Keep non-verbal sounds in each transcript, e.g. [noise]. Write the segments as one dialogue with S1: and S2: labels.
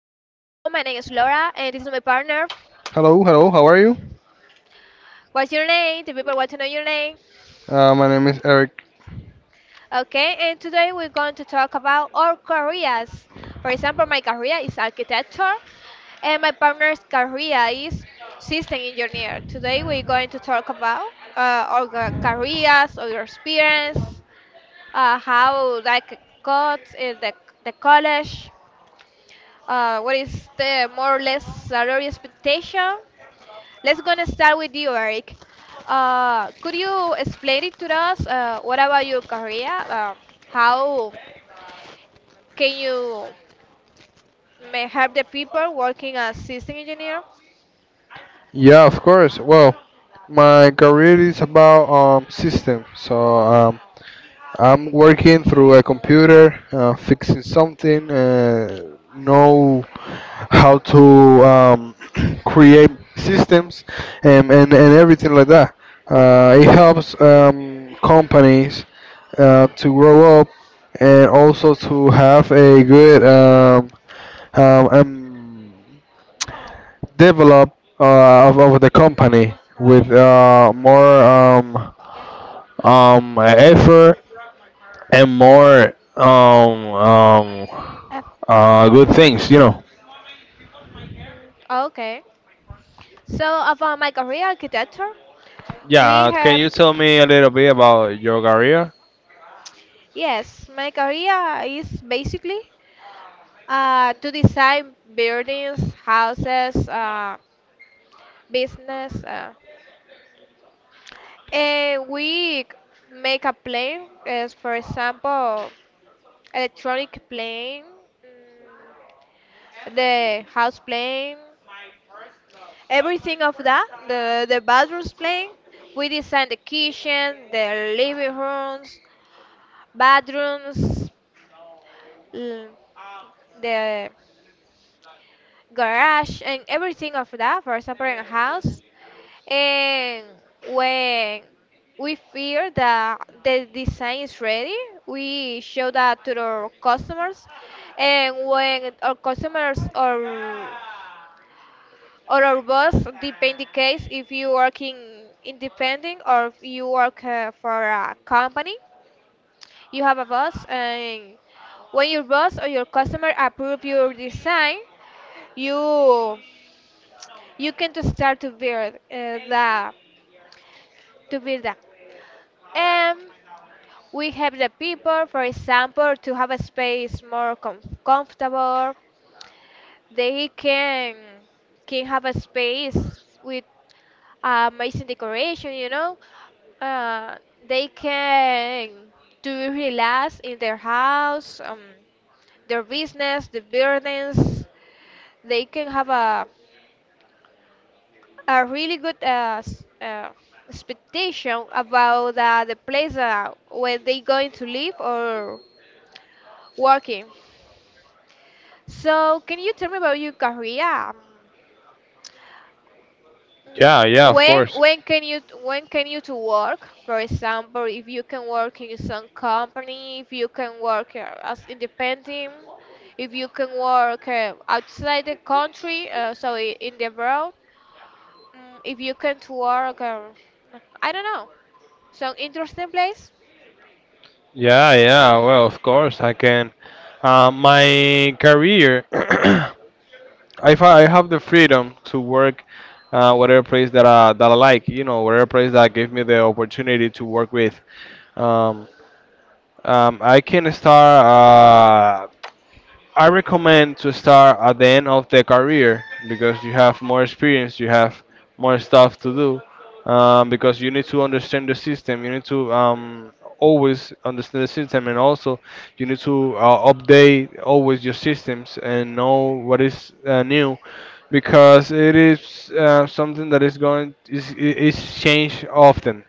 S1: is my partner.
S2: Hello, hello, how are you?
S1: What's your name? The people want to know your name.
S2: My name is Eric.
S1: Okay, and today we're going to talk about our careers. For example, my career is architecture and my partner's career is system engineer. Today we're going to talk about our careers, our experience, how like got in the college, what is the more or less salary expectation. Let's gonna start with you, Eric. Could you explain it to us? What about your career? How can you may help the people working as system engineer?
S2: Yeah, of course. Well, my career is about system. I'm working through a computer, fixing something, know how to um, [clears throat] create systems and everything like that. It helps companies to grow up and also to have a good um, um, develop of the company with more effort and more
S1: Uh,
S2: good things, you know.
S1: Okay. So about my career architecture, we
S2: Yeah, can
S1: have
S2: you tell me a little bit about your career?
S1: yes, my career is basically to design buildings, houses, business. We make a plane, as for example, electronic plane, mm, the house plane, everything of that, the bathrooms plane. We design the kitchen, the living rooms, bathrooms, l- the garage, and everything of that, for example, in a house. And when we feel that the design is ready, we show that to our customers. And when our customers or our boss, depend the case if you working independent or if you work for a company, you have a boss, and when your boss or your customer approve your design, you you can to start to build the to build that. And we help the people, for example, to have a space more comfortable. They can have a space with amazing decoration. Uh, they can do relax in their house, their business, the burdens. They can have a really good expectation about the place where they going to live or walking. So, can you tell me about your career? Um,
S2: Yeah,
S1: mm,
S2: yeah, of
S1: When
S2: course.
S1: when can you to work? For example, if you can work in some company, if you can work as independent, if you can work outside the country, so in the world, if you can to work, I don't know, some interesting place.
S2: Yeah, yeah, well, of course I can. My career, [clears throat] if I have the freedom to work whatever place that that I like, you know, whatever place that give me the opportunity to work with. Um, I can start. I recommend to start at the end of the career because you have more experience, you have more stuff to do. Because you need to understand the system, you need to always understand the system, and also you need to update always your systems and know what is new because it is something that is going is changed often,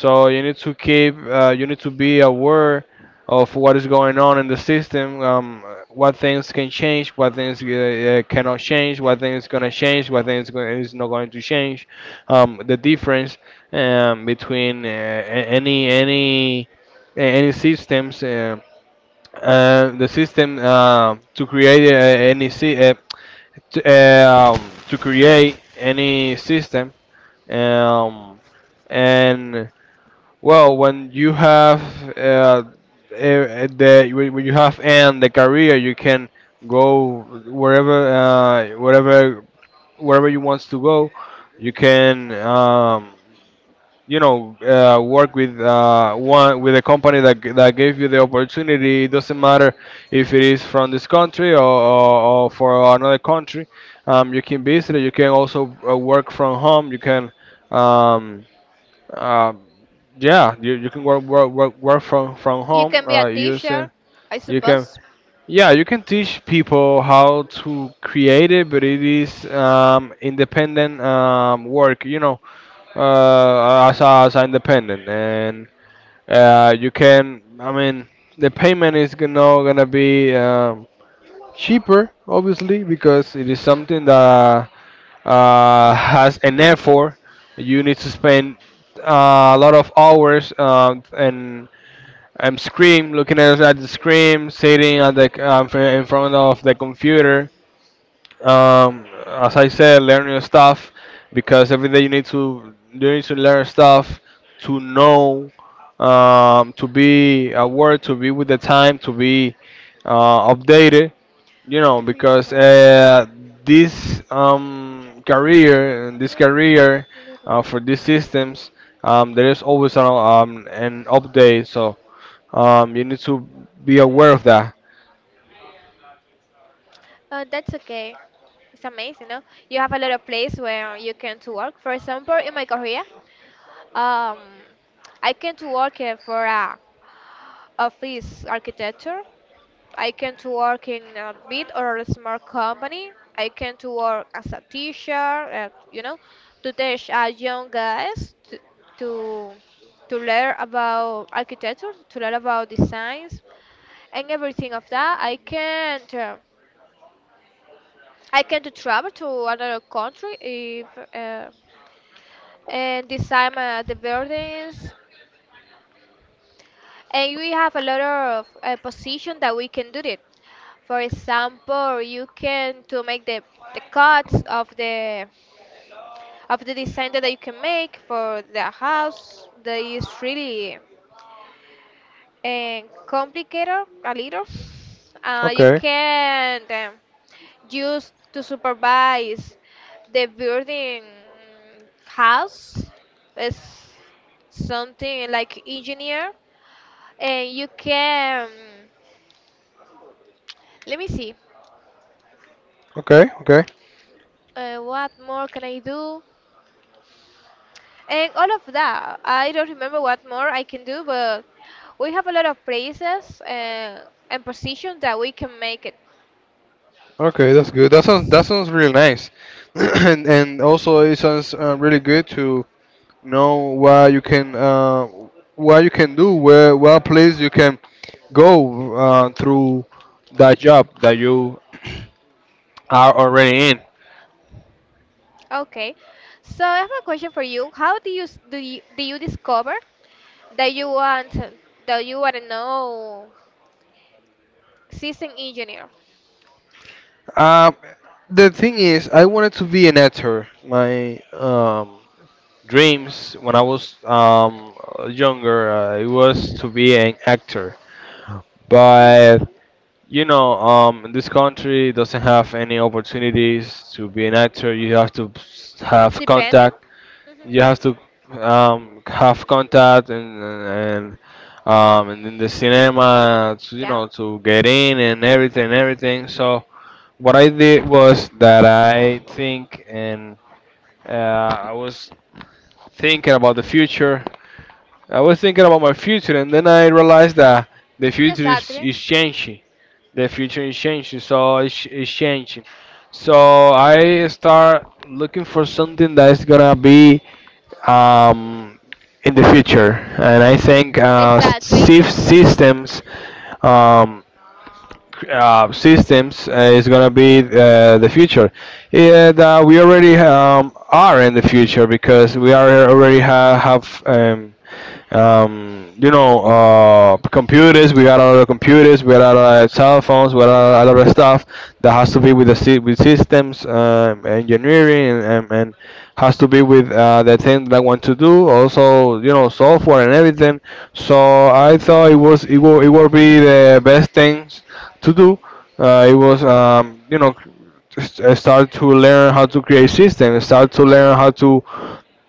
S1: Hmm.
S2: you need to keep, you need to be aware of what is going on in the system, what things can change, what things cannot change, what things gonna change, is not going to change, the difference between any systems, the system to create any si- to create any system. Um, and well, when you have uh, eh, the when you have and the career, you can go wherever, wherever you want to go. You can, you know, work with one with a company that that gave you the opportunity. It doesn't
S1: Mhm.
S2: matter if it is from this country or for another country. You can visit it. You can also work from home. You can. Um, uh, yeah, you can work from
S1: You
S2: home
S1: can be a teacher,
S2: using
S1: I
S2: you can
S1: suppose.
S2: yeah you can teach people how to create it, but it is independent work. You know, as a independent, and you can. I mean, the payment is gonna be cheaper, obviously, because it is
S1: Hmm.
S2: something that has an effort. You need to spend a lot of hours and I'm screen looking at the screen, sitting at the in front of the computer. As I said, learning stuff because every day you need to learn stuff to know, to be aware, to be with the time, to be updated. You know,
S1: To be a
S2: because
S1: man.
S2: this
S1: Well, not
S2: career
S1: little.
S2: for these systems, there is always an update. You need to be aware of that.
S1: That's okay. It's amazing, no? You have a lot of place where you can to work. For example, in my career, um, I came to work for a office architecture. I came to work in a big or a small company. I came to work as a teacher, to teach young guys to to learn about architecture, to learn about designs, and everything of that. I can't. I can to travel to another country if uh, and design the buildings. And we have a lot of position that we can do it. For example, you can to make the cuts of the design that you can make for the house. That is really complicated a little. You
S2: Okay,
S1: can. Used to supervise the building house is something like engineer, and you can, let me see,
S2: okay, okay,
S1: what more can I do. And all of that, I don't remember what more I can do, but we have a lot of places and positions that we can make it.
S2: okay. That's good. That sounds really nice, [clears throat] and also it sounds really good to know what you can do, where what place you can go through that job that you [clears throat] are already in.
S1: Okay, so I have a question for you: how do you discover that you want that you want to know system engineer?
S2: Uh, the thing is, I wanted to be an actor. My dreams when I was younger it was to be an actor,
S1: Mhm.
S2: but you know this country doesn't have any opportunities to be an actor. You have to s- have
S1: Depending.
S2: contact.
S1: Mhm.
S2: You have to have contact and in the cinema to, you
S1: Yeah.
S2: know, to get in and everything. So what I did was that I think and I was thinking about the future. I was thinking about my future, and then I realized that the future
S1: Exactly,
S2: is changing. The future is changing, it's changing. So I start looking for something that is gonna be um, in the future, and I think
S1: exactly.
S2: systems um, systems is going to be the future. And we already are in the future because we are already have you know computers. We got a lot of computers. We got a lot of cell phones. We got a lot of stuff that has to be with the with systems engineering and has to be with the thing that I want to do. Also, you know, software and everything. So I thought it will be the best things to do. You know, I started to learn how to create systems, I started to learn
S1: Mhm.
S2: how to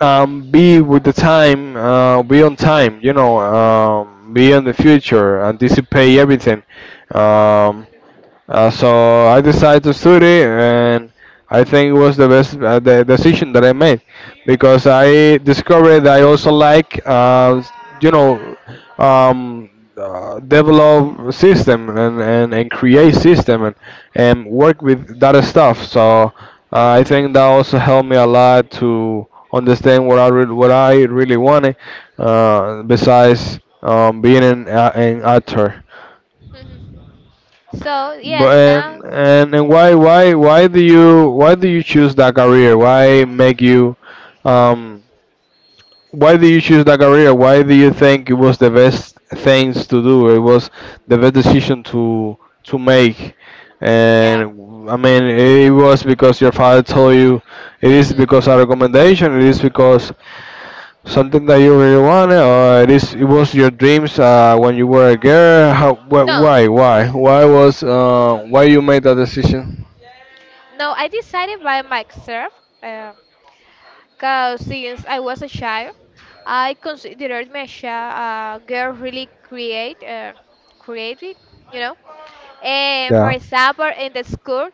S2: be with the time, be on time, you know, be on the future, anticipate everything. Um, so I decided to study, and I think it was the best the decision that I made because I discovered that I also like, you know, um, develop system and create system and work with that stuff. So I think that also helped me a lot to understand what I really wanted. Besides being an actor.
S1: Mhm. So
S2: But
S1: yes now.
S2: and why do you choose that career? Why make you um why do you choose that career? Why do you think it was the best things to do? It was the best decision to make.
S1: Yeah.
S2: And I mean, it was because your father told you. It is
S1: Mm.
S2: because of recommendation. It is because something that you really wanted, or it was your dreams when you were a girl? How?
S1: No,
S2: Why? Why? Why was? Why you made that decision?
S1: no, I decided by myself. um, Because since I was a child, I considered myself a girl really creative, you know. And for
S2: Yeah.
S1: example, in the school,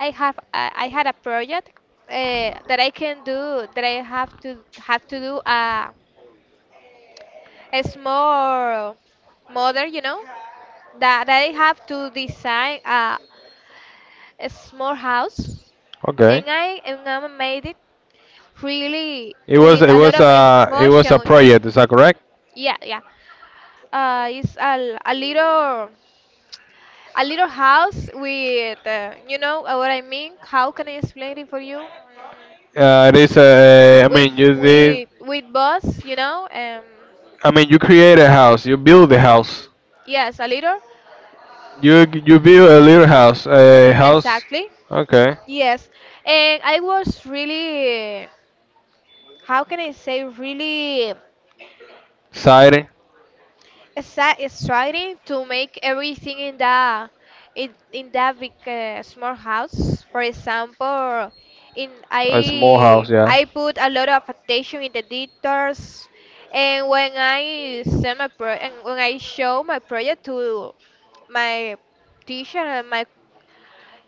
S1: I have I had a project that I have to do a small model, that I have to design a small house,
S2: Okay.
S1: and I made it really
S2: It was
S1: with
S2: it
S1: a lot
S2: was
S1: of
S2: a it was a
S1: emotion.
S2: project. Is that correct?
S1: Yeah, yeah. It's a little house with what I mean. How can I explain it for you?
S2: It is a. I mean,
S1: With
S2: you did.
S1: with with bus.
S2: I mean, you create a house. You build a house.
S1: Yes, a little.
S2: You build a little house. A house.
S1: Exactly.
S2: Okay.
S1: Yes, and I was really. How can I say really?
S2: Exciting.
S1: That is trying to make everything in that big small house. For example, in
S2: A small house. Yeah.
S1: I put a lot of attention in the details, and when I send my pro and when I show my project to my teacher and my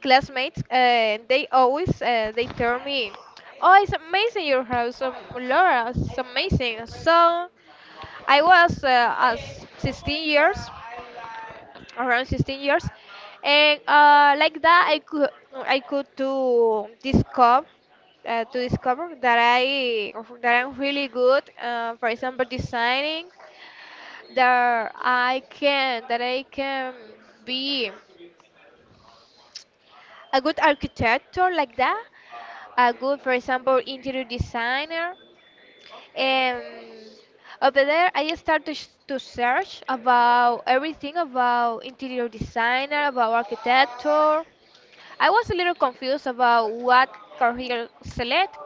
S1: classmates, they tell me, "Oh, it's amazing your house, Laura. It's amazing." So. I was as 16 years, around 16 years, and like that I could to discover uh, to discover that I that I'm really good. For example, designing that I can be a good architecture like that. A good, for example, interior designer. Um, Over there, I start to search about everything about interior designer, about architecture. I was a little confused about what career select,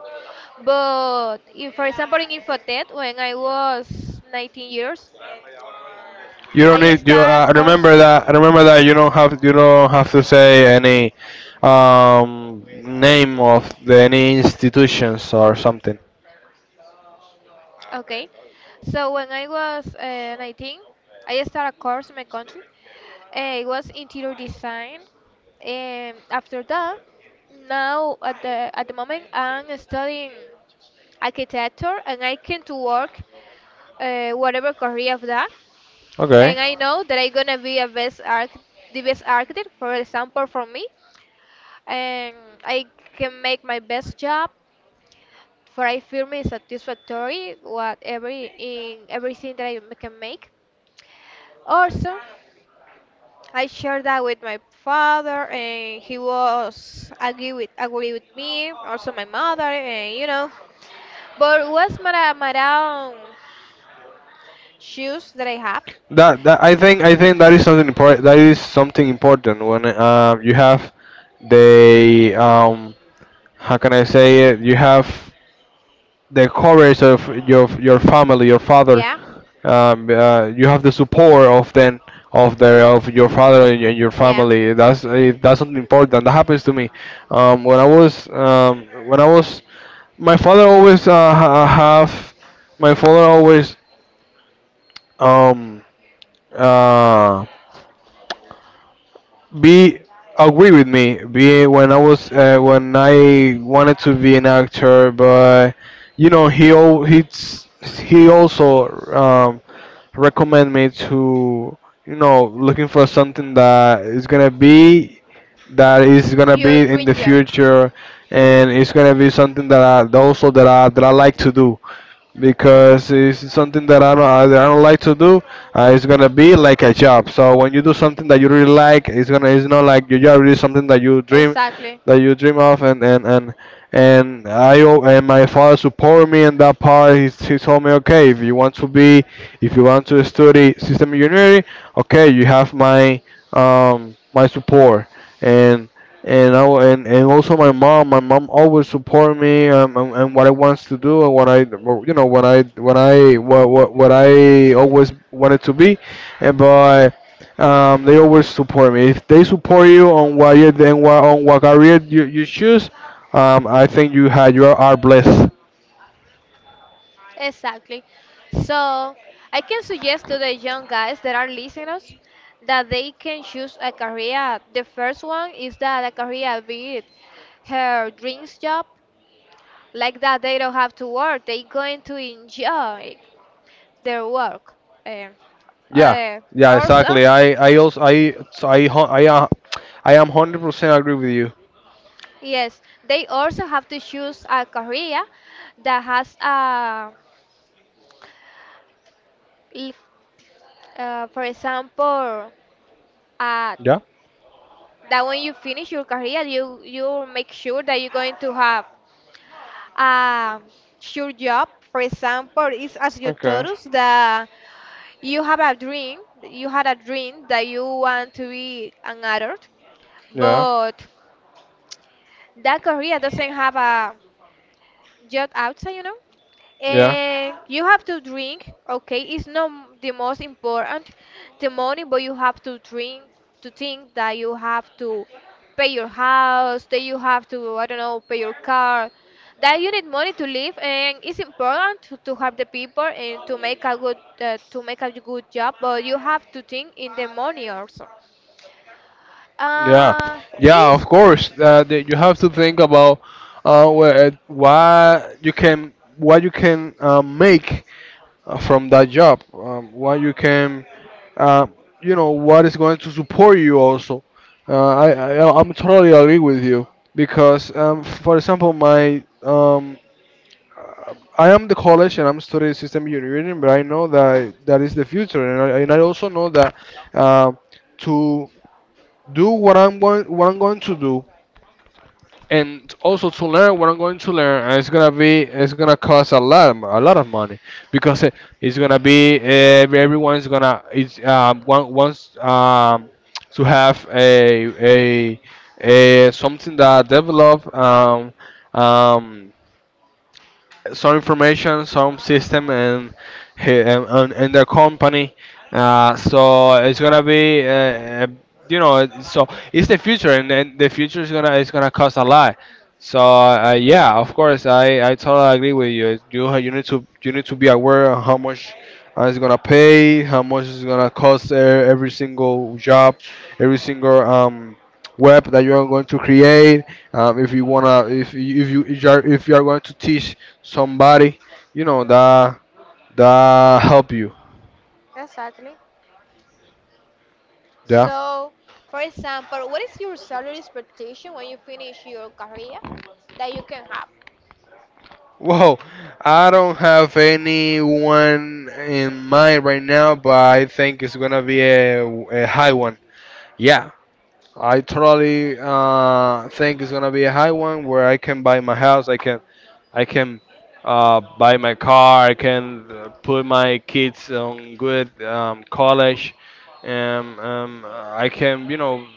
S1: but if, for example, in Infotech, when I was 19 years,
S2: You don't
S1: I
S2: need you.
S1: start a
S2: Remember
S1: course.
S2: that. Remember that you don't have to say any name of the, any institutions or something.
S1: Okay, so when I was 19, I started a course in my country. It was interior design. And after that, now at the moment, I'm studying architecture, and I came to work whatever career of that.
S2: Okay.
S1: And I know that I'm gonna be a best arch the best architect, for example, for me, and I can make my best job for I feel me satisfactory what every in everything that I can make. Also, I shared that with my father, and he was agree with me. Also, my mother, but what's my own shoes that I have?
S2: That, I think that is something important. That is something important when you have the how can I say it? You have the courage of your family, your father.
S1: Yeah,
S2: You have the support of then of the of your father and your
S1: yeah.
S2: family. That's that's something important. That happens to me. When I was my father always ha- have my father always um uh be agree with me be when I was when I wanted to be an actor, but you know he's, he also recommend me to, you know, looking for something that is gonna be
S1: Your
S2: in
S1: dream
S2: the
S1: job,
S2: future, and it's gonna be something that also that I like to do because it's something that I don't that I don't like to do. It's gonna be like a job. So when you do something that you really like, it's not like your job. It's something
S1: exactly.
S2: that you dream of, and and my father supported me in that part. He told me, okay, if you want to be, if you want to study system engineering, okay, you have my my support and I, and also my mom. My mom always support me and what I wants to do and what I or, you know what I what I always wanted to be, and but they always support me. If they support you on what you then what on what career you choose, I think you are blessed.
S1: Exactly. So I can suggest to the young guys that are listeners that they can choose a career. The first one is that a career be it her dreams job, like that they don't have to work. They going to enjoy their work. Eh,
S2: Yeah, yeah,
S1: also,
S2: exactly. I also I so I hu- I am 100% agree with you.
S1: yes, they also have to choose a career that has l- for example, a
S2: Yeah.
S1: that when you finish your career, you make sure that you're going to have a sure job. For example, it's as you told
S2: Okay.
S1: us that you had a dream that you want to be an adult,
S2: Yeah.
S1: but that career doesn't have a job outside.
S2: Yeah.
S1: You have to drink, okay? It's not the most important, the money, but you have to drink to think that you have to pay your house, that you have to I don't know, pay your car, that you need money to live, and it's important to, help the people and to make a good job, but you have to think in the money also.
S2: Yeah,
S1: Uh,
S2: yeah,
S1: is.
S2: of course. You have to think about where, what you can make from that job. What you can, uh, you know, what is going to support you also. Uh, I,
S1: Mhm,
S2: I I'm totally agree with you because, for example, my I am the college and I'm studying system engineering, but I know that that is the future, and I also know that uh, to do what I'm going to do, and also to learn what I'm going to learn, and it's gonna cost a lot of, a lot of money because it's gonna be everyone's gonna it's one wants to have a something that develop, um, some information, some system, and and their company. So it's gonna be, so it's the future, and the future is gonna cost a lot. So yeah, of course, I totally agree with you. You need to be aware of how much it's gonna pay, how much it's gonna cost every single job, every single web that you are going to create. Um, if you wanna if you if you if you are going to teach somebody, you know
S1: mhm.
S2: that that help you.
S1: Exactly.
S2: Yeah.
S1: So, for example, what is your salary expectation when you finish your career that you can have?
S2: Well, I don't have anyone in mind right now, but I think it's gonna be a high one. Yeah, I totally think it's gonna be a high one where I can buy my house, I can, i can buy my car, I can, put my kids on good college. I can, you know,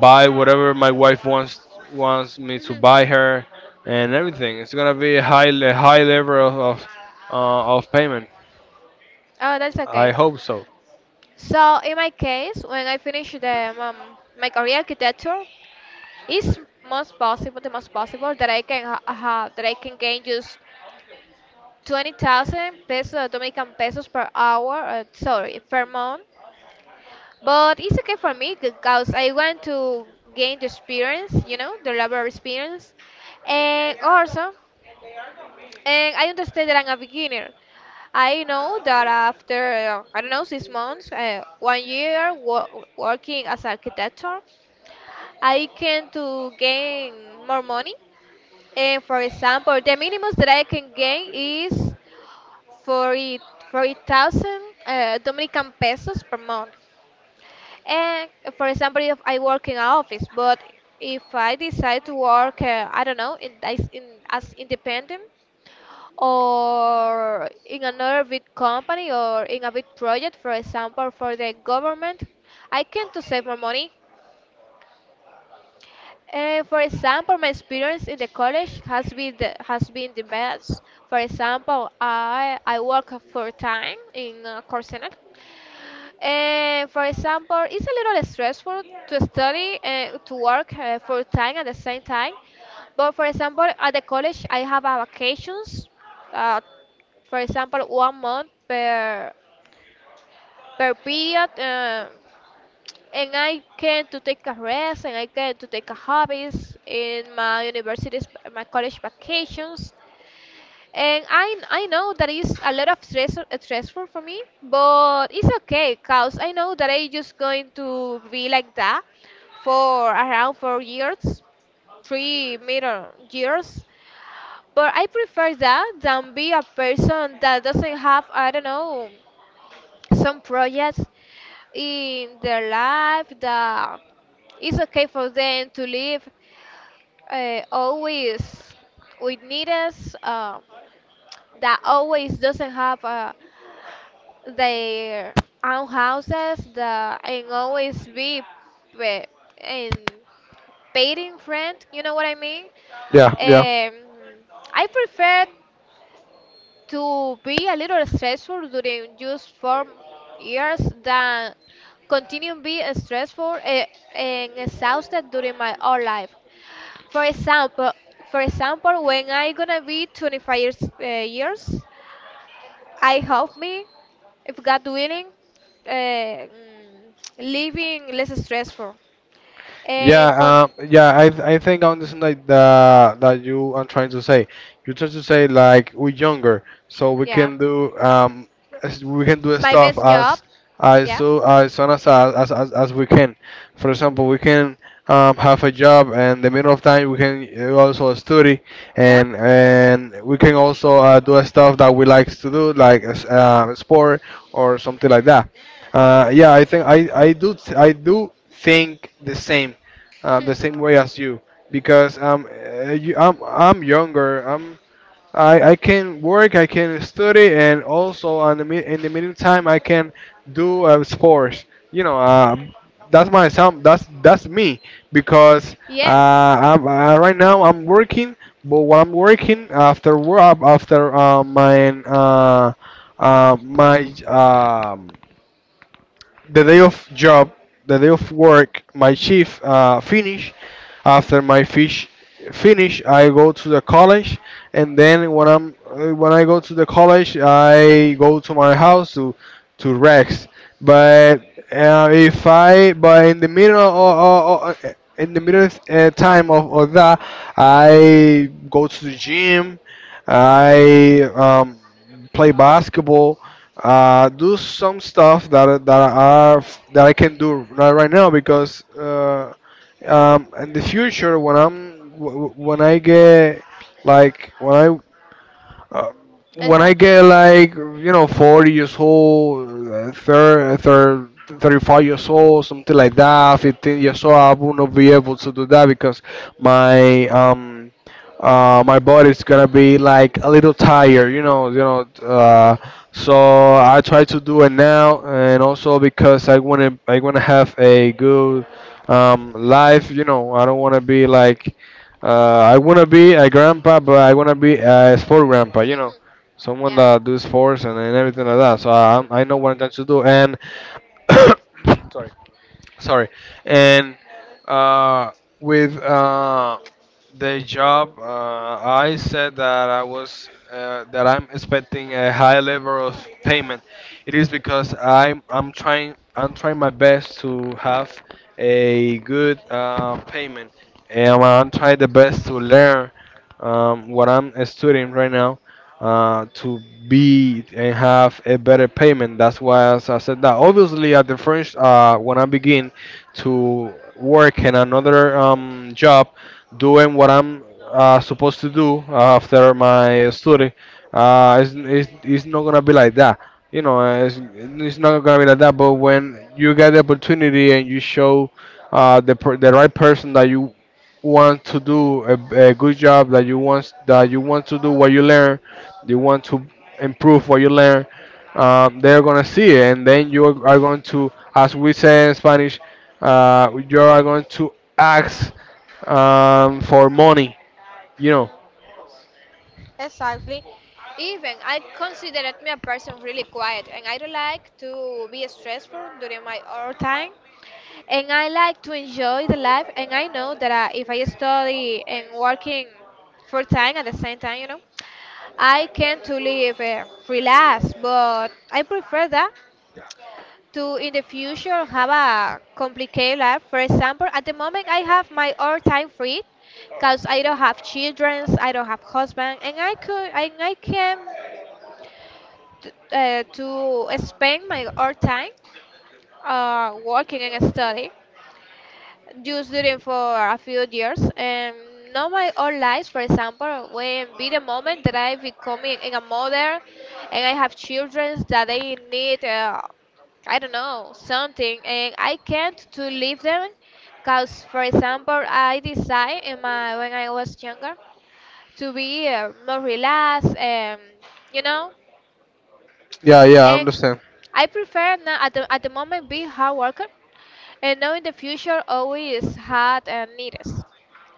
S2: buy whatever my wife wants, me to
S1: Hmm.
S2: buy her, and everything. It's gonna be a high, level of of payment.
S1: Oh, that's
S2: I
S1: okay.
S2: hope so.
S1: So, in my case, when I finish the my career architecture, it's most possible, the most possible that I can have that I can gain just 20,000 pesos, Dominican pesos per hour. Sorry, per month. But it's okay for me because I want to gain the experience, the labor experience, and also. And I understand that I'm a beginner. I know that after, I don't know, 6 months, 1 year working as architect, I can to gain more money. And for example, the minimum that I can gain is 40 40,000 Dominican pesos per month. And for example, if I work in an office, but if I decide to work, I don't know, as independent, or in another big company or in a big project, for example, for the government, I can to save more money. For example, my experience in the college has been the best. For example, I work full time in call center, for example, it's a little stressful to study, to work full time at the same time. But for example, at the college, I have a vacations. Uh, for example, 1 month per period, and I can to take a rest, and I can to take a hobbies in my college vacations. And I know that is a lot of stressful for me, but it's okay cause I know that I just going to be like that for around 4 years, three middle years. But I prefer that than be a person that doesn't have I don't know some projects in their life that it's okay for them to live always with needs. That always doesn't have their own houses that and always be pa- in paying rent, you know what I mean.
S2: Yeah, yeah.
S1: um, I prefer to be a little stressful during just 4 years than continue being stressful, and exhausted during my whole life. For example, when I gonna be 25 years, I help me, if God willing, uh, mm, living less stressful and
S2: Yeah, yeah. I think I understand like the that you are trying to say. You try to say like we're younger, so we
S1: yeah,
S2: can do we can do
S1: my
S2: stuff
S1: best job,
S2: as,
S1: yeah,
S2: as soon as, as we can. For example, we can, have a job, and the middle of time we can, also study,
S1: uh-huh.
S2: and we can also, do stuff that we like to do, like, sport or something like that. Yeah, I think I do think the same, the same way
S1: [laughs]
S2: as you, because, I'm younger. I can work, I can study, and also in the meantime I can do, sports. You know, that's my some that's me because, uh,
S1: Yes.
S2: right now I'm working, but while I'm working, after work, after, my my the day of job, the day of work, my shift, finish. After my fish finish, I go to the college, and then when I'm, when I go to the college, I go to my house to rest. But, if I but in the middle of, in the middle, time of, that, I go to the gym.
S1: Hmm.
S2: I, play basketball, do some stuff that are that I can do right, now because, in the future when when I get, like when I uh, when I
S1: Exactly.
S2: get, like, you know, 40 years old, thir thir 35 years old, something like that, 15 years old, I will not be able to do that because my my body's gonna be like a little tired, you know, so I try to do it now, and also because I wanna have a good, life, you know. I don't wanna be like, uh, I wanna be a grandpa, but I wanna be a sport grandpa.
S1: [laughs]
S2: You know,
S1: Mhm.
S2: someone
S1: Yeah.
S2: that do sports and, everything like that. So, I know what I'm trying to do. And [coughs] sorry, sorry, and, uh, with the job. I said that I was that I'm expecting a high level of payment. It is because I'm trying, my best to have a good, payment, and I'm trying the best to learn, what I'm studying right now, to be and have a better payment. That's why as I said that. Obviously, at the first, when I begin to work in another, job, doing what I'm, supposed to do after my study, it's not gonna be like that. You know, it's not gonna be like that. But when you get the opportunity and you show, the right person that you want to do a good job, that you want to do what you learn, you want to improve what you learn, they're gonna see it, and then you are going to, as we say in Spanish, you are going to ask, for money. You know.
S1: Hmm. Exactly. Even I considered me a person really quiet, and I don't like to be stressful during my own time, and I like to enjoy the life. And I know that I, if I study and working full time at the same time, I can to live relaxed. But I prefer that to in the future have a complicated life. For example, at the moment I have my all time free because I don't have children, I don't have husband, and I could and I can to spend my all time working and study, just did for a few years. And now my own life, for example, when be the moment that I become a mother, and I have children that they need, I don't know something, and I can't to leave them because for example I decide in my when I was younger to be more relaxed, and you know
S2: Yeah, yeah, I
S1: and
S2: understand.
S1: I prefer now at the moment be hard worker, and know in the future always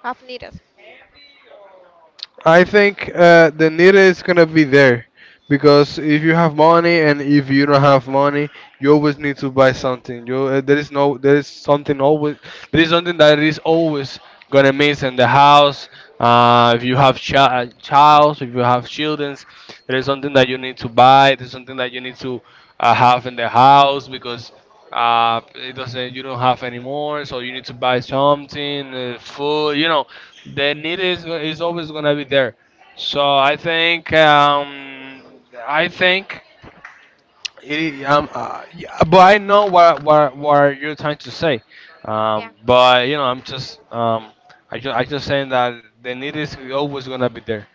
S1: have need us.
S2: I think, the need is gonna be there because if you have money and if you don't have money, you always need to buy something. You There is no, there is something that is always gonna miss in the house. If you have chi- child, if you have children, there is something that you need to buy. There's something that you need to, have in the house because, it doesn't you don't have anymore, so you need to buy something, food, you know. The need is, always gonna be there. So I think, i think yeah, but I know what you're trying to say,
S1: Yeah.
S2: but, you know, I just saying that the need is always gonna be there.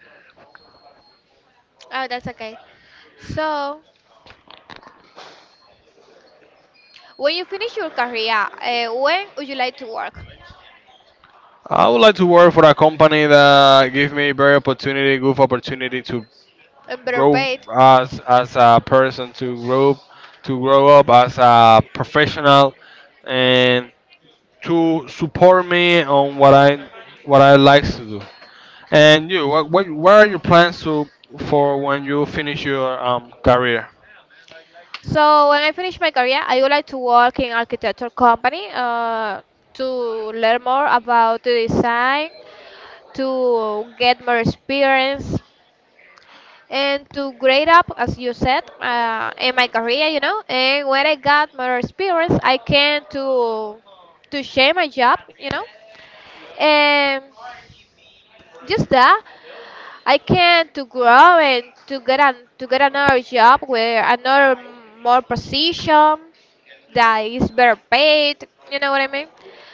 S1: Oh, that's okay. So, when you finish your career, when would you like to work
S2: I would like to work for a company that give me very opportunity, good opportunity to
S1: and better
S2: grow
S1: paid?
S2: as, a person, to grow, to grow up as a professional, and to support me on what I like to do. And you, what are your plans to, for when you finish your, career?
S1: So, when I finish my career, I would like to work in architecture company to learn more about the design, to get more experience, and to grade up, as you said, in my career. And when I got more experience, I came to share my job. And just that. I can to grow and to get another job with another more position that is better paid. You know what I mean?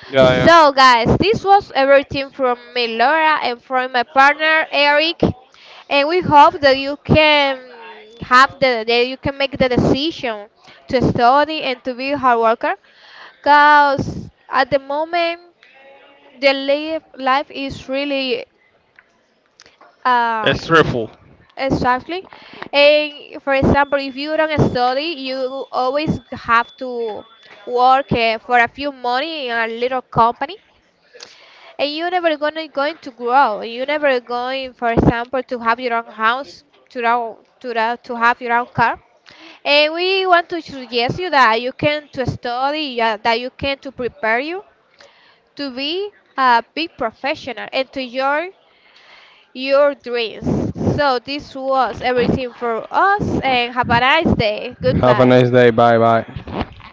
S2: Yeah, yeah.
S1: So guys, this was everything from me, Laura, and from my partner Eric, and we hope that you can have the that you can make the decision to study and to be a hard worker, cause at the moment the life is really uh
S2: It's stressful.
S1: Exactly. And for example, if you don't study, you always have to work for a few money in a little company. And you're never gonna going to grow. You're never going, for example, to have your own house, to ra- to have your own car. And we want to suggest you that you can to study, yeah, that you can to prepare you to be a big professional and to enjoy your dreams. So this was everything for us and have a nice day.
S2: Have a
S1: Goodbye.
S2: nice day. Bye bye.